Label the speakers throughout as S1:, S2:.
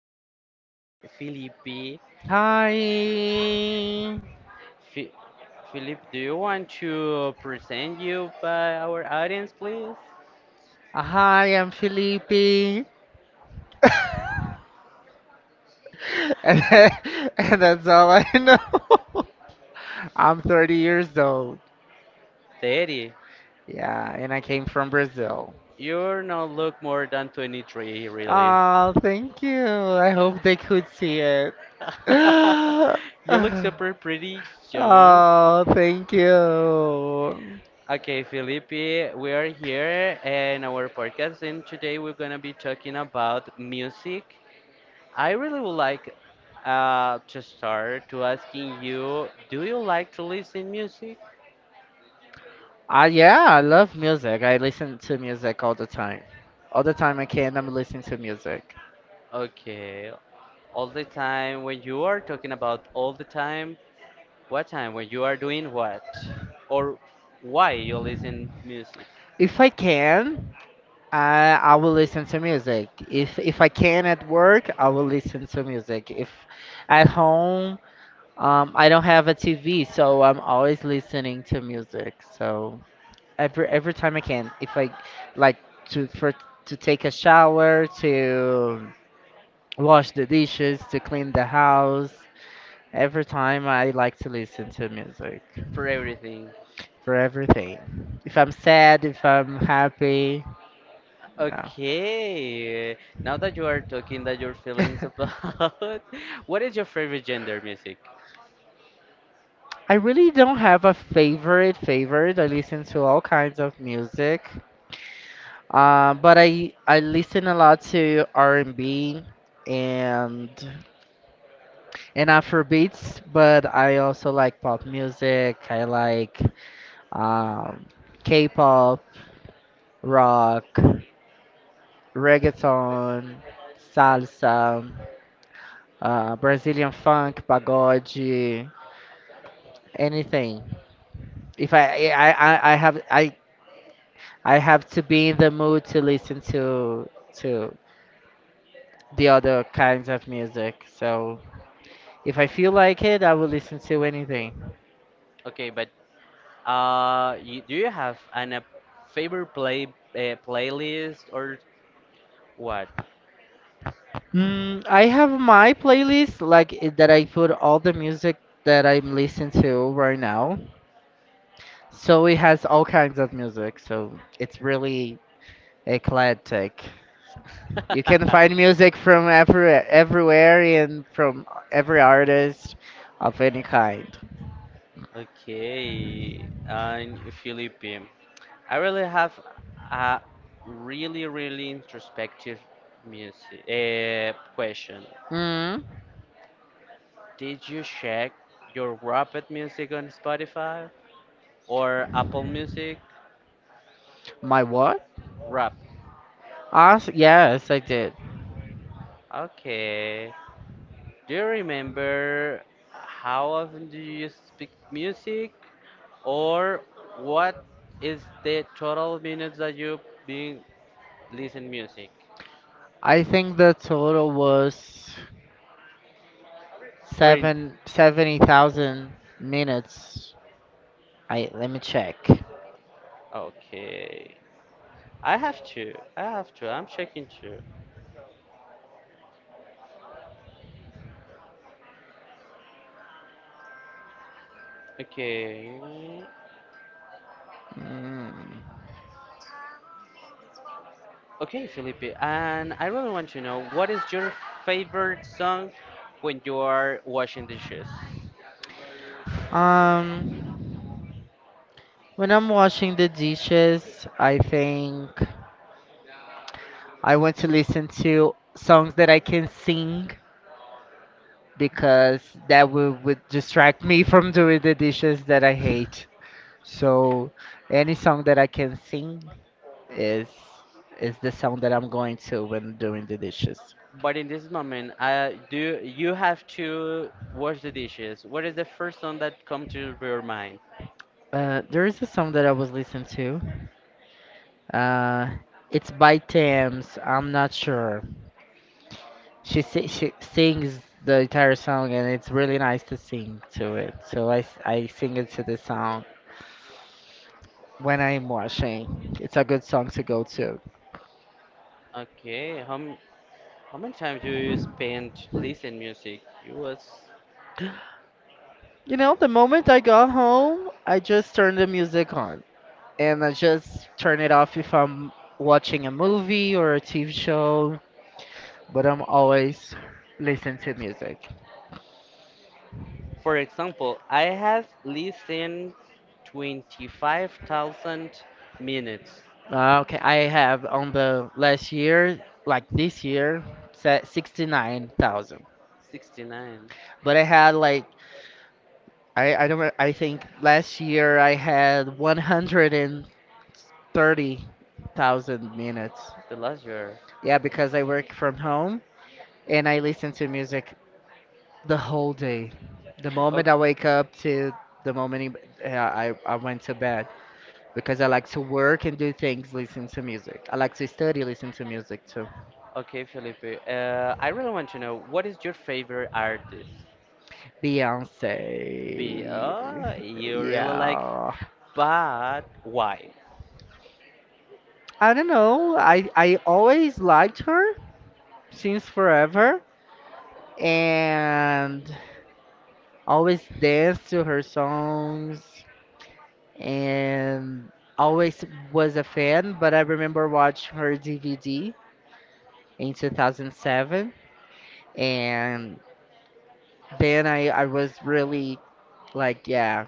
S1: our friend Felipe.
S2: Hi.
S1: Fi Felipe, do you want to present you by our audience, please?
S2: Hi, I'm Felipe. Then, and that's all I know. I'm 30 years old.
S1: 30.
S2: Yeah, and I came from Brazil.
S1: You're not look more than 23, really.
S2: Oh, thank you. I hope they could see it.
S1: You look super pretty young.
S2: Oh, thank you.
S1: Okay, Felipe, we are here in our podcast, and today we're gonna be talking about music. I really would like to start to asking you, do you like to listen music?
S2: Yeah, I love music. I listen to music all the time. All the time I can, I'm listening to music.
S1: Okay, all the time. When you are talking about all the time, what time? When you are doing what? Or why you listen music?
S2: If I can, I will listen to music. If I can at work, I will listen to music. If at home, I don't have a TV, so I'm always listening to music. So every time I can, if I like to for to take a shower, to wash the dishes, to clean the house, every time I like to listen to music
S1: For everything.
S2: for everything. If I'm sad, if I'm happy, no.
S1: Okay, now that you are talking that your feelings about what is your favorite gender music?
S2: I really don't have a favorite favorite. I listen to all kinds of music. But I listen a lot to R&B and B and Afro beats, but I also like pop music. I like um, K-pop, rock, reggaeton, salsa, Brazilian funk, pagode, anything. If I have to be in the mood to listen to the other kinds of music. So if I feel like it, I will listen to anything.
S1: Okay, but do you have an a favorite playlist or what?
S2: I have my playlist like it, that I put all the music that I'm listening to right now. So it has all kinds of music. So it's really eclectic. You can find music from everywhere and from every artist of any kind.
S1: Okay, and Philippe, I really have a really introspective music question.
S2: Mm,
S1: Did you check your Rapid music on Spotify or Apple Music?
S2: my what?
S1: Rap.
S2: Ask, yes, I did.
S1: Okay. Do you remember how often do you speak music, or what is the total minutes that you been listen music?
S2: I think the total was
S1: Or in
S2: seventy thousand minutes. I let me check.
S1: okay, I have to. I'm checking too. Okay,
S2: Mm.
S1: okay, Felipe, and I really want to know what is your favorite song when you are washing dishes.
S2: Um, when I'm washing the dishes, I think I want to listen to songs that I can sing because that would distract me from doing the dishes that I hate. So, any song that I can sing is is the sound that I'm going to when doing the dishes.
S1: But in this moment, do you have to wash the dishes? What is the first song that comes to your mind?
S2: There is a song that I was listening to. Uh, it's by Thames. I'm not sure. She sings the entire song and it's really nice to sing to it. So I sing it to the song when I'm washing. It's a good song to go to.
S1: Okay, how many times do you spend listening music? It was,
S2: The moment I got home, I just turn the music on, and I just turn it off if I'm watching a movie or a TV show, but I'm always listening to music.
S1: for example, I have listened 25,000 minutes,
S2: Okay, I have on the last year, like this year, set 69,000.
S1: 69,
S2: But I had like I don't re- I think last year I had 130,000 minutes.
S1: the last year.
S2: Yeah, because I work from home and I listen to music the whole day. The moment
S1: Okay,
S2: I wake up to the moment I went to bed. Because I like to work and do things listening to music. I like to study listening to music too.
S1: okay, Felipe. I really want to know what is your favorite artist?
S2: Beyonce.
S1: Be oh, you really like,
S2: Yeah.
S1: but why?
S2: I don't know. I always liked her since forever and always danced to her songs and always was a fan, but I remember watching her DVD in 2007, and then I was really, like, yeah,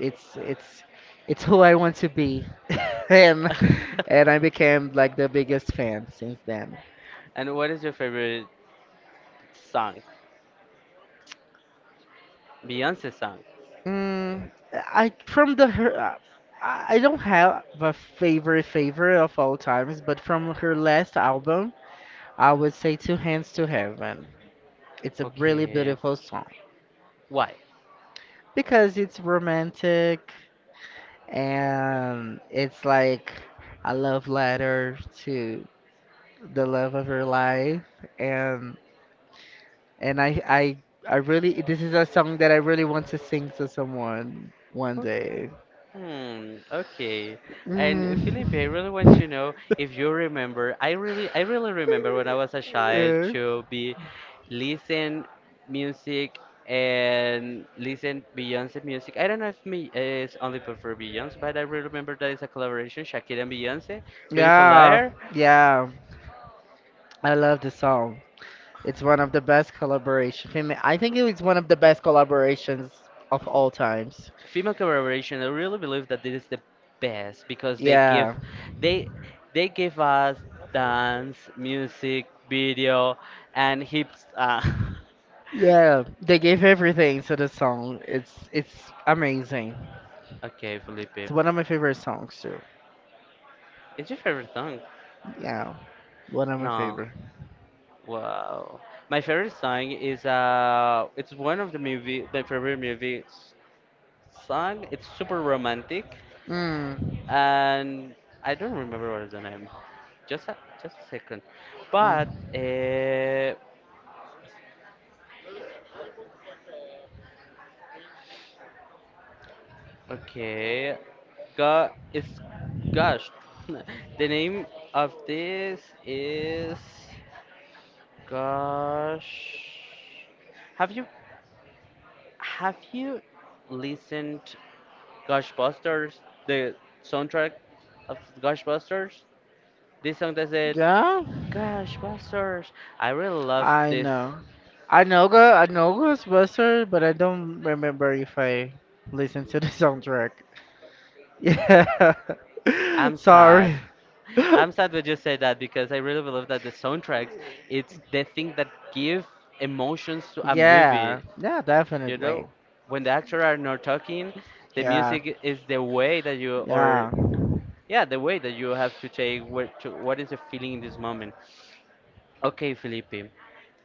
S2: it's it's it's who I want to be, and and I became like the biggest fan since then.
S1: And what is your favorite song? Beyonce song.
S2: Mm, I from the her, I don't have a favorite favorite of all times, but from her last album, I would say Two Hands to Heaven. It's a really
S1: Okay.
S2: beautiful song
S1: Why?
S2: because it's romantic and it's like a love letter to the love of her life, and And I really, this is a song that I really want to sing to someone one
S1: Okay.
S2: day.
S1: Hmm, okay. And Felipe, I really want
S2: Mm.
S1: to know if you remember. I really remember when I was a child
S2: Uh,
S1: to be listen music and listen Beyonce music. I don't know if me is only prefer Beyonce, but I really remember that it's a collaboration Shakira and Beyonce, Beautiful
S2: yeah,
S1: Liar.
S2: yeah. I love the song. It's one of the best collaboration. I think it was one of the best collaborations of all times.
S1: Female collaboration, I really believe that this is the best because they give,
S2: Yeah,
S1: they they give us dance music video and hips,
S2: yeah. They gave everything to the song. It's amazing.
S1: okay
S2: It's
S1: Felipe,
S2: one of my favorite songs too.
S1: it's your favorite song.
S2: Yeah, one of my
S1: No,
S2: favorite.
S1: wow, my favorite song is, it's one of the movie, my favorite movie song, it's super romantic,
S2: Mm.
S1: and I don't remember what is the name. just a, just a second,
S2: Mm,
S1: but okay. Go it's gosh. The name of this is gosh. Have you have you listened Goshbusters, the soundtrack of Goshbusters? This song that said
S2: yeah,
S1: Goshbusters. I really love
S2: I
S1: this.
S2: know. I know Ghostbusters, but I don't remember if I listened to the soundtrack. Yeah.
S1: I'm sad.
S2: Sorry.
S1: I'm sad when you say that because I really believe that the soundtracks, it's the thing that give emotions to a, yeah,
S2: Yeah.
S1: movie.
S2: Yeah,
S1: You
S2: definitely.
S1: know, when the actors are not talking, the
S2: Yeah.
S1: music is the way that you, or
S2: Yeah.
S1: yeah, the way that you have to take what to, what is the feeling in this moment. Okay, Felipe,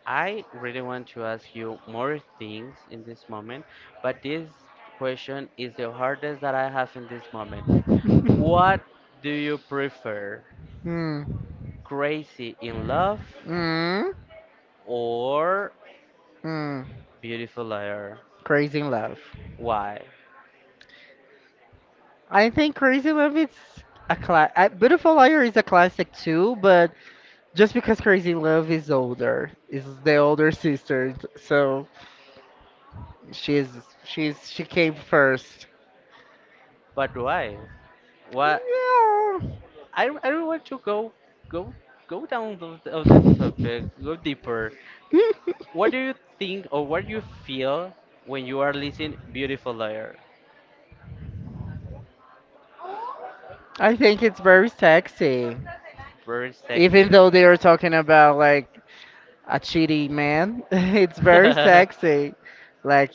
S1: I really want to ask you more things in this moment, but this question is the hardest that I have in this moment. What do you prefer?
S2: Hmm.
S1: Crazy in Love
S2: Mm.
S1: or
S2: Mm.
S1: Beautiful Liar.
S2: Crazy in love.
S1: Why?
S2: I think Crazy Love is a class. Beautiful Liar is a classic too, but just because Crazy Love is older, is the older sister, so she's she came first.
S1: But why? Why?
S2: Yeah.
S1: I don't want to go go down of this topic. Go deeper. What do you think or what do you feel when you are listening Beautiful Liar?
S2: I think it's very sexy.
S1: Very
S2: Even
S1: sexy.
S2: though they are talking about, like, a cheating man, it's very sexy. Like,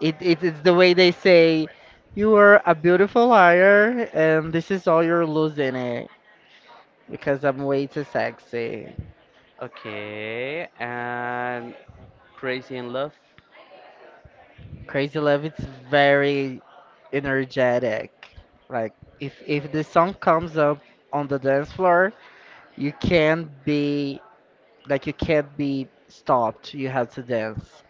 S2: it's the way they say, you are a beautiful liar, and this is all you're losing it because I'm way too sexy.
S1: Okay, and Crazy in Love.
S2: Crazy Love, it's very energetic. Like, if the song comes up on the dance floor, you can't be like you can't be stopped. You have to dance.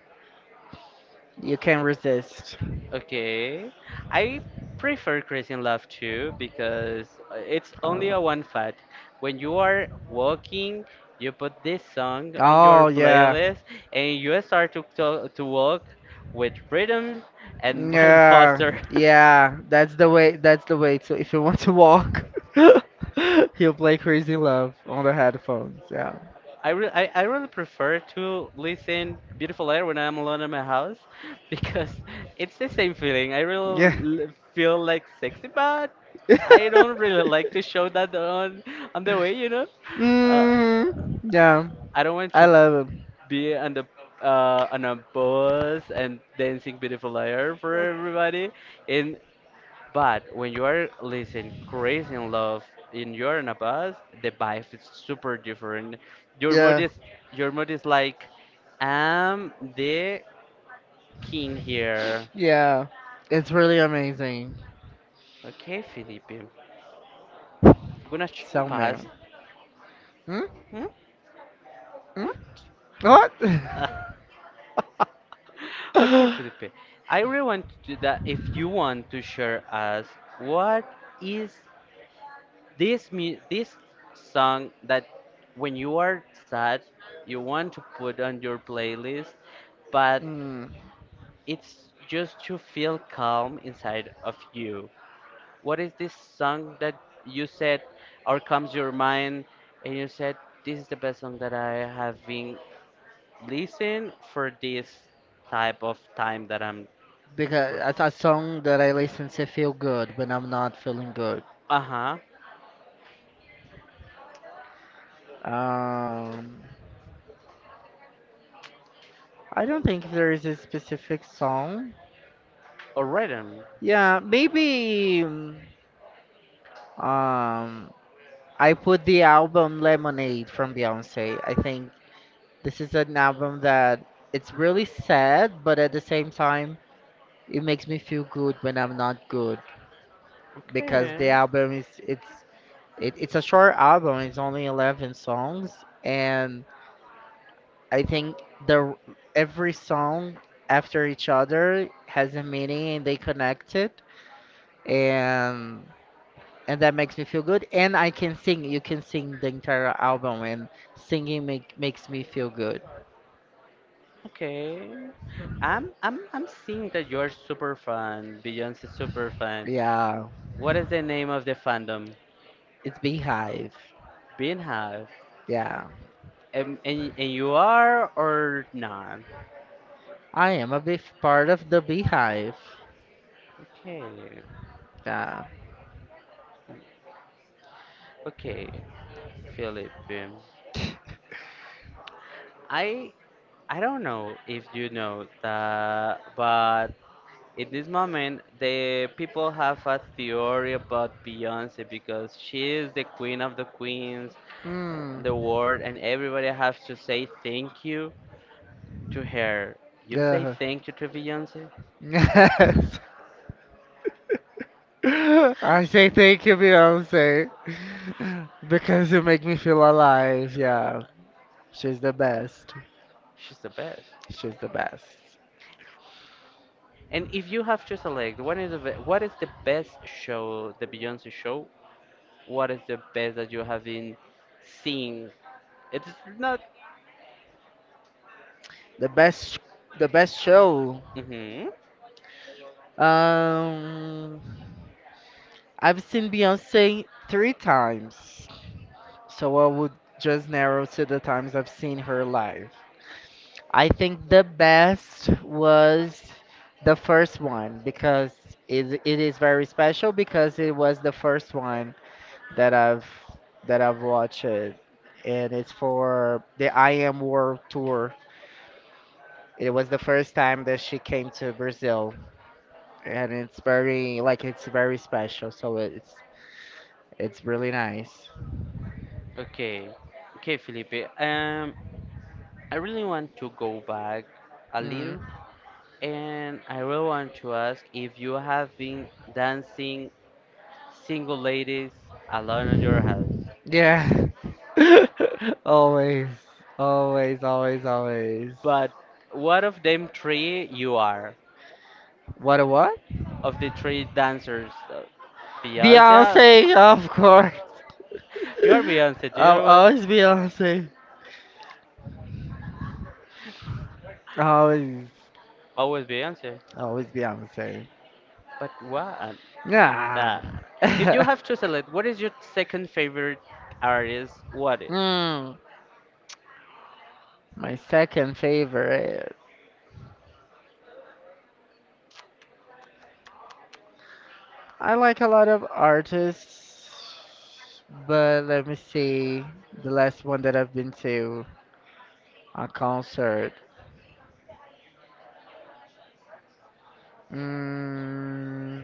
S2: You can't resist.
S1: Okay. I prefer Crazy in Love too because it's only a
S2: Oh,
S1: one fat. When you are walking, you put this song on your
S2: oh yeah.
S1: playlist and you start to walk with rhythm and, and
S2: Yeah,
S1: faster.
S2: yeah, that's the way. That's the way. So if you want to walk, he will play Crazy Love on the headphones. Yeah,
S1: I really prefer to listen Beautiful Air when I'm alone in my house because it's the same feeling. I
S2: yeah.
S1: really feel like sexy, but I don't really like to show that on the way, you know. Uh,
S2: Hmm. Yeah,
S1: I don't want
S2: I
S1: to
S2: love him.
S1: be on the, on a bus and dancing Beautiful Air for everybody, and but when you are listening Crazy in Love and you're in a bus, the vibe is super different. Your mood
S2: Yeah,
S1: is your mood is like I'm the king here.
S2: yeah, it's really amazing.
S1: Okay, Felipe. I'm gonna
S2: So
S1: pass.
S2: man. Hmm?
S1: Hmm?
S2: Hmm?
S1: What?
S2: What?
S1: Ah, okay, Felipe. I really want to do that. If you want to share us, what is this this song that when you are sad you want to put on your playlist but
S2: Mm,
S1: it's just to feel calm inside of you, what is this song that you said or comes your mind and you said this is the best song that I have been listening for this type of time that I'm
S2: because
S1: through.
S2: that's a song that I listen to feel good when I'm not feeling good.
S1: Uh-huh.
S2: Um, I don't think there is a specific song.
S1: Or rhythm.
S2: Yeah, maybe. I put the album Lemonade from Beyonce. I think this is an album that it's really sad, but at the same time, it makes me feel good when I'm not good because the
S1: Okay.
S2: album is it's it, it's a short album. It's only 11 songs, and I think the every song after each other has a meaning and they connect it, and and that makes me feel good. And I can sing. You can sing the entire album, and singing makes me feel good.
S1: Okay. I'm seeing that you're super fan, Beyonce super fan.
S2: Yeah,
S1: What is the name of the fandom?
S2: it's Beehive.
S1: Beanhive.
S2: Yeah.
S1: And you are or not?
S2: I am a big part of the beehive.
S1: Okay.
S2: Yeah.
S1: Okay. Philip. I I don't know if you know that but in this moment the people have a theory about Beyonce because she is the queen of the queens, uh,
S2: Hmm.
S1: the world, and everybody has to say thank you to her, you say
S2: Uh,
S1: thank you to Beyonce.
S2: yes. I say thank you, Beyonce, because you make me feel alive. Yeah,
S1: Uh,
S2: she's the best.
S1: she's the best.
S2: She's the best.
S1: And if you have to select, what is what is the best show, the Beyonce show? What is the best that you have been seeing? It's not.
S2: The best. The best show.
S1: Hmm.
S2: Um, I've seen Beyonce 3 times, so I would just narrow to the times I've seen her live. I think the best was the first one because it is very special because it was the first one that I've that I've watched it, and it's for the I Am World Tour. It was the first time that she came to Brazil, and it's very, like, it's very special, so it's really nice.
S1: Okay, okay, Felipe. I really want to go back a little,
S2: Mm.
S1: and I really want to ask if you have been dancing Single Ladies alone in your house.
S2: Yeah. Always, always, always, always.
S1: But what of them three you are?
S2: What a what?
S1: Of the three dancers, Beyonce?
S2: Beyonce, of course.
S1: You are Beyonce. Do
S2: I'm
S1: you was
S2: always Beyonce. Always,
S1: Beyonce. Always Beyonce?
S2: always Beyonce.
S1: But what?
S2: Yeah.
S1: Nah. If you have to select, what is your second favorite artist? What is?
S2: Hmm. My second favorite. I like a lot of artists, but let me see. The last one that I've been to a concert. Mm,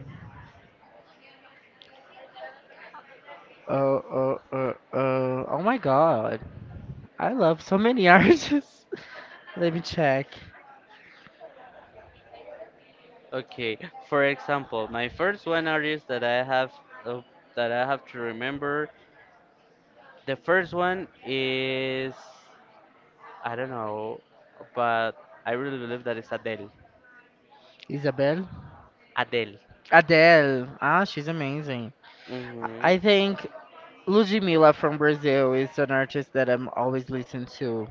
S2: oh, oh, oh, oh, oh my God! I love so many artists. Let me check.
S1: Okay. For example, my first one artist that I have, uh, that I have to remember. The first one is I don't know, but I really believe that it's Adele.
S2: Isabel.
S1: Adele.
S2: Adele. Ah, she's amazing. I think
S1: Hmm.
S2: Ludmilla from Brazil is an artist that I'm always listening to.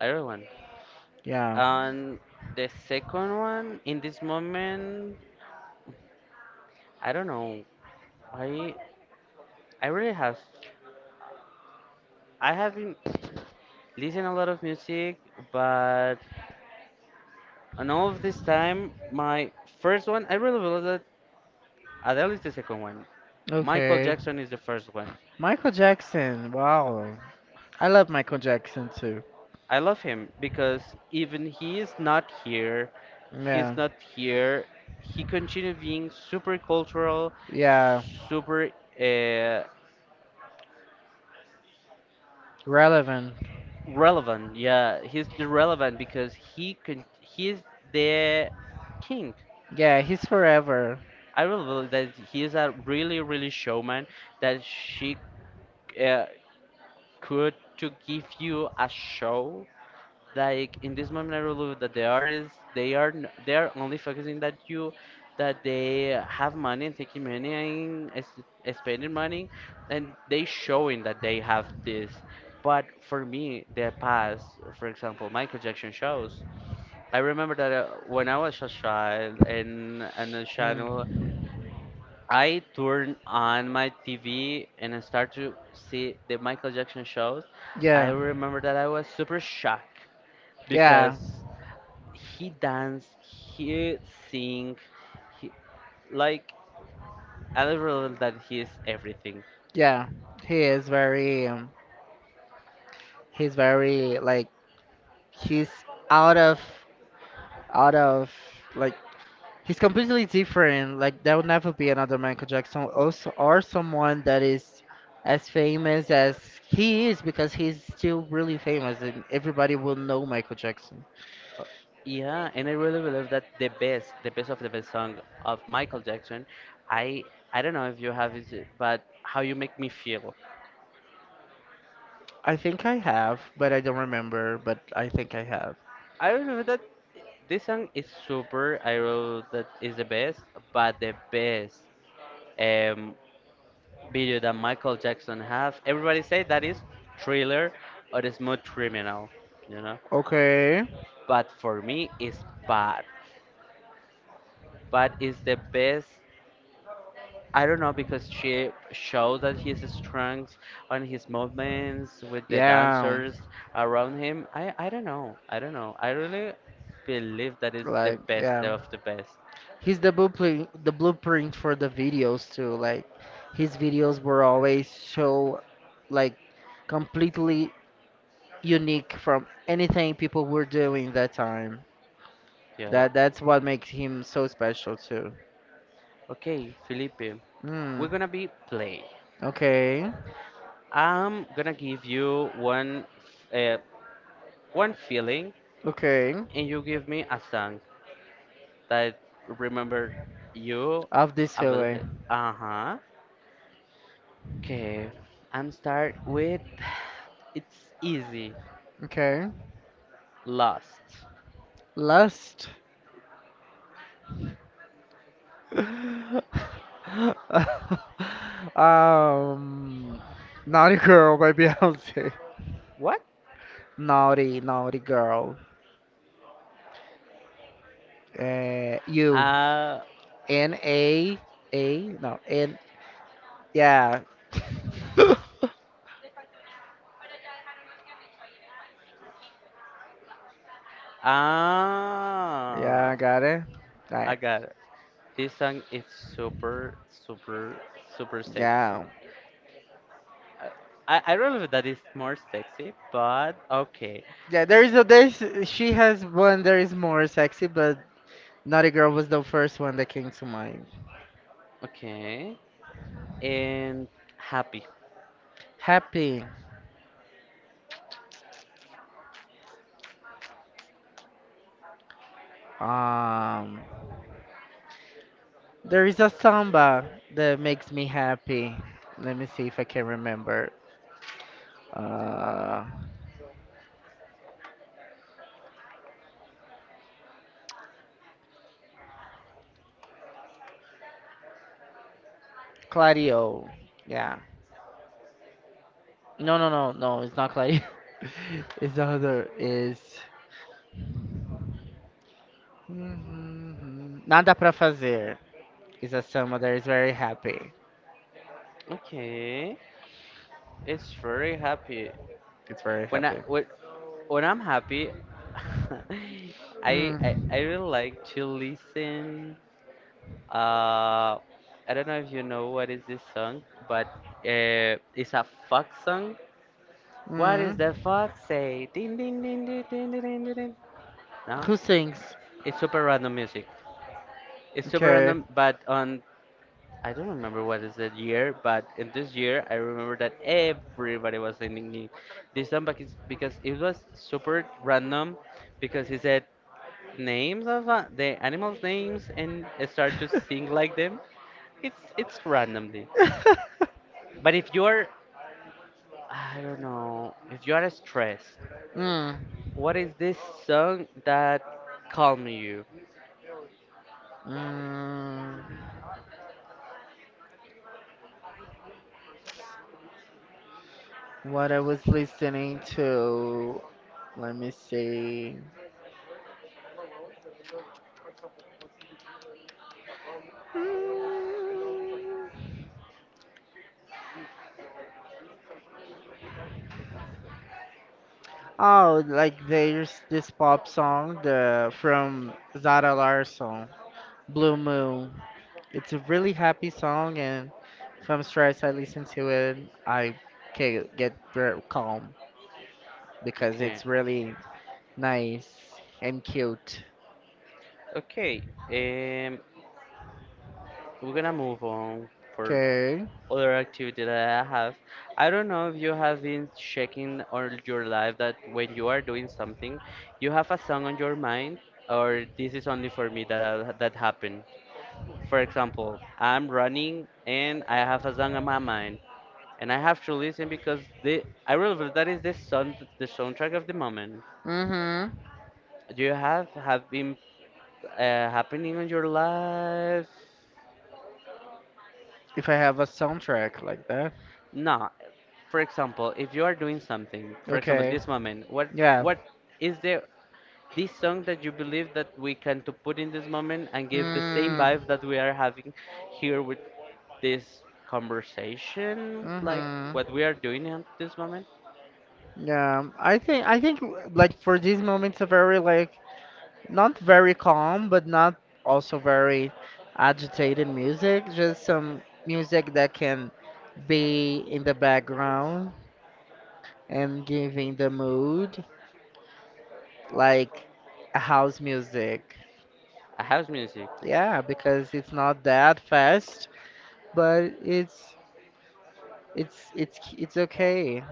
S1: Everyone.
S2: Yeah.
S1: And the second one in this moment, I don't know. I I really have I haven't listened a lot of music, but on all of this time, my first one I really believe that Adele is the second one. Michael, okay,
S2: Okay.
S1: Jackson is the first one.
S2: Michael Jackson. Wow. I love Michael Jackson too.
S1: I love him because even he is not here, he's
S2: Yeah.
S1: not here. He continued being super cultural,
S2: Yeah.
S1: super, uh,
S2: Relevant.
S1: relevant. Yeah, he's the relevant because he can. He's the king.
S2: Yeah, he's forever.
S1: I really believe that he is a really showman. That she, uh, could to give you a show. Like in this moment, I really believe that the artists they are they are only focusing that you that they have money and taking money and spending money and they showing that they have this, but for me the past, for example, Michael Jackson shows, I remember that, when I was a child and a channel,
S2: Mm.
S1: I turned on my TV and I started to see the Michael Jackson shows. I
S2: Yeah.
S1: remember that I was super shocked
S2: Yeah.
S1: because he danced, he sing, he like I realized that he is everything.
S2: Yeah. He is very, he's very, like, he's out of, out of like, he's completely different. Like, there will never be another Michael Jackson, also, or someone that is as famous as he is because he's still really famous and everybody will know Michael Jackson.
S1: Uh, Yeah, and I really believe that the best of the best song of Michael Jackson, I I don't know if you have it, but how you make me feel.
S2: I think I have, but I don't remember. But I think I have.
S1: I believe that this song is super. I wrote that is the best, but the best, um, video that Michael Jackson have. Everybody say that is Thriller or the Smooth Criminal, you know.
S2: Okay.
S1: But for me, it's Bad. Bad is the best. I don't know because she showed that his strengths on his movements with the
S2: Yeah.
S1: dancers around him. I don't know. I don't know. I really believe that is the
S2: Like,
S1: best
S2: yeah.
S1: of the best.
S2: He's the blueprint for the videos too. Like, his videos were always so, like, completely unique from anything people were doing that time.
S1: Yeah.
S2: That's what makes him so special too.
S1: Okay, Felipe,
S2: Hmm.
S1: we're gonna be play.
S2: Okay.
S1: I'm gonna give you one, uh, one feeling,
S2: Okay.
S1: and you give me a song that remember you
S2: Of this
S1: about, okay, it.
S2: feeling.
S1: Uh huh. Okay, I'm start with. It's easy.
S2: Okay.
S1: Lost.
S2: Lust. um. Naughty girl by Beyonce.
S1: What?
S2: Naughty, naughty girl. You.
S1: Uh.
S2: N A. No. N. Yeah. Yeah.
S1: Ah.
S2: I got it.
S1: I
S2: Right.
S1: got. This song is super, super, super sexy.
S2: Yeah.
S1: Uh, I don't know if that is more sexy, but okay.
S2: Yeah, there is a there's, she has one there is more sexy, but Naughty Girl was the first one that came to mind.
S1: Okay. And happy.
S2: Happy. Um, there is a samba that makes me happy. Let me see if I can remember. Uh, Claudio. Yeah. No, no, no, no. It's not Claudio. It's the other. Is nada pra fazer. Is a samba that is very happy.
S1: Okay. It's very happy.
S2: It's very
S1: When I
S2: happy.
S1: when, when I'm happy, I
S2: Mm.
S1: really like to listen. Uh, I don't know if you know what is this song, but it's a fuck song. What is
S2: Mm.
S1: the fuck say? Ding ding ding ding ding ding ding ding. Ding. No,
S2: Who sings?
S1: it's super random music. It's super
S2: Okay.
S1: random, but on I don't remember what is the year, but in this year I remember that everybody was singing this song because it was super random because he said names of, the animals' names, and start to sing like them. It's randomly, but if you're I don't know if you are stressed.
S2: Mm.
S1: What is this song that calm you?
S2: Mm. What I was listening to. Let me see. Mm. Oh, like, there's this pop song the from Zara Larsson, Blue Moon. It's a really happy song, and if I'm stressed, I listen to it. I can get very calm because
S1: Okay.
S2: it's really nice and cute.
S1: Okay. Um, we're gonna move on for
S2: Okay.
S1: other activity that I have. I don't know if you have been checking all your life that when you are doing something, you have a song on your mind, or this is only for me that I, that happened. For example, I'm running and I have a song on my mind, and I have to listen because the I realize that is the sound the soundtrack of the moment.
S2: Mm-hmm.
S1: Do you have been, happening in your life?
S2: If I have a soundtrack like that.
S1: No. For example, if you are doing something, for example,
S2: Okay.
S1: this moment,
S2: Yeah.
S1: what is there this song that you believe that we can to put in this moment and give the same
S2: Mm.
S1: vibe that we are having here with this conversation, like
S2: Mm-hmm.
S1: what we are doing at this moment?
S2: Yeah. I think, like, for these moments are very, like, not very calm, but not also very agitated music. Just some music that can be in the background and giving the mood, like a house music.
S1: A house music.
S2: Yeah, because it's not that fast, but it's okay.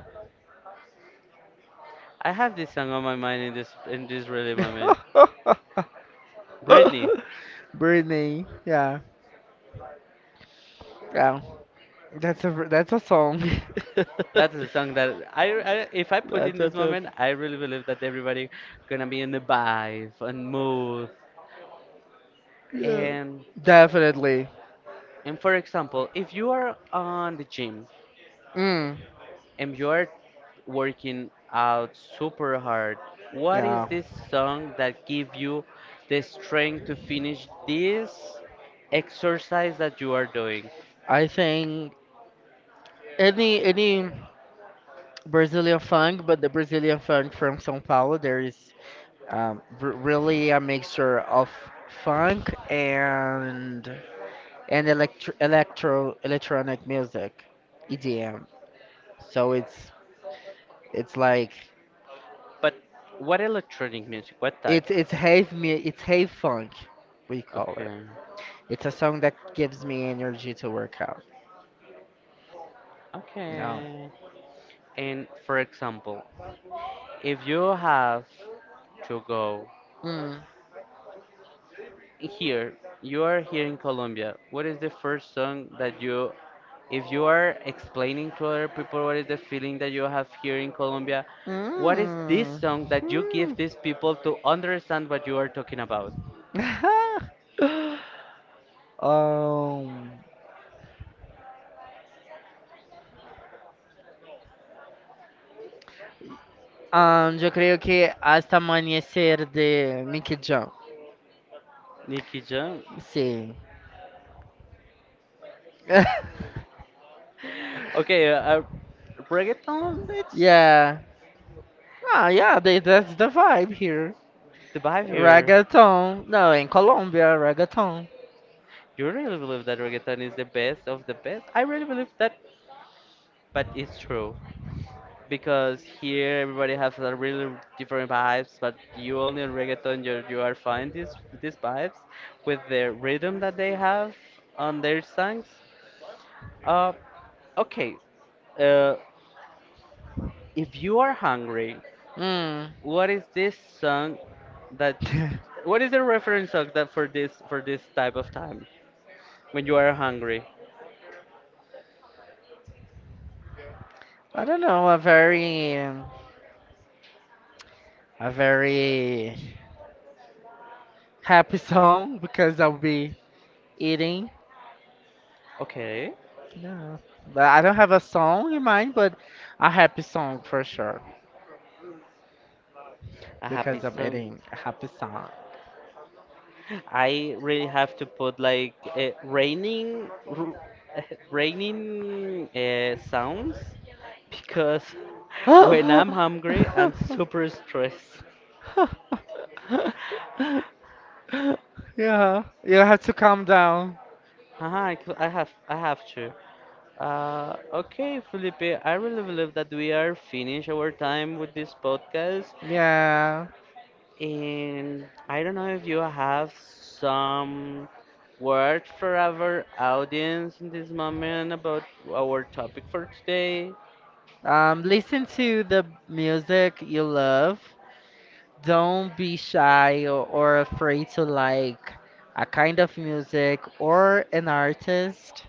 S1: I have this song on my mind in this really moment. Britney.
S2: Britney, yeah, yeah, that's a song.
S1: That is a song that I if I put in
S2: That's a
S1: this
S2: song.
S1: moment, I really believe that everybody gonna be in the vibe and mood.
S2: Yeah.
S1: And
S2: Definitely.
S1: and for example, if you are on the gym
S2: Mm.
S1: and you are working out super hard, what is
S2: Yeah.
S1: this song that give you the strength to finish this exercise that you are doing?
S2: I think any Brazilian funk, but the Brazilian funk from São Paulo, there is really a mixture of funk and electro electronic music, EDM. So it's like
S1: But what electronic music? What type?
S2: it's half funk, we call it.
S1: Okay.
S2: It's a song that gives me energy to work out. No.
S1: Okay. And for example, if you have to go here, you are here in Colombia. What is the first song that you, if you are explaining to other people what is the feeling that you have here in Colombia, what is this
S2: Hum.
S1: song that you
S2: Hum.
S1: give these people to understand what you are talking about?
S2: Ahn, ahn, yo creo que hasta amanecer de Mickey Jam.
S1: Nicky Jam.
S2: Sí.
S1: Okay, reggaeton. It's
S2: Yeah. Ah, yeah, that's the vibe here.
S1: the vibe here.
S2: Reggaeton. No, in Colombia, reggaeton.
S1: You really believe that reggaeton is the best of the best? I really believe that but it's true because here everybody has a really different vibes but you only in reggaeton you are find these vibes with the rhythm that they have on their songs. Uh, okay. Uh, if you are hungry,
S2: Mm.
S1: what is this song that what is the reference song that for this type of time when you are hungry?
S2: I don't know, a very happy song because I'll be eating.
S1: Okay,
S2: Yeah, but I don't have a song in mind, but a happy song for sure
S1: a happy
S2: because I'm
S1: song.
S2: eating a happy song.
S1: I really have to put like, raining sounds because when I'm hungry, I'm super stressed.
S2: Yeah, you have to calm down.
S1: Haha, I have to. Okay, Felipe, I really believe that we are finished our time with this podcast,
S2: Yeah.
S1: and I don't know if you have some word for our audience in this moment about our topic for today.
S2: Listen to the music you love. Don't be shy or afraid to like a kind of music or an artist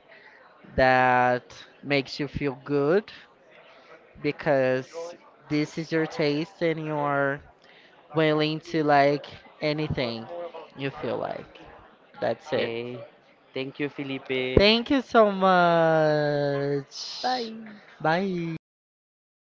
S2: that makes you feel good. Because this is your taste and you are willing to like anything you feel like. That's it.
S1: Okay. Thank you, Felipe.
S2: Thank you so much.
S1: Bye.
S2: Bye.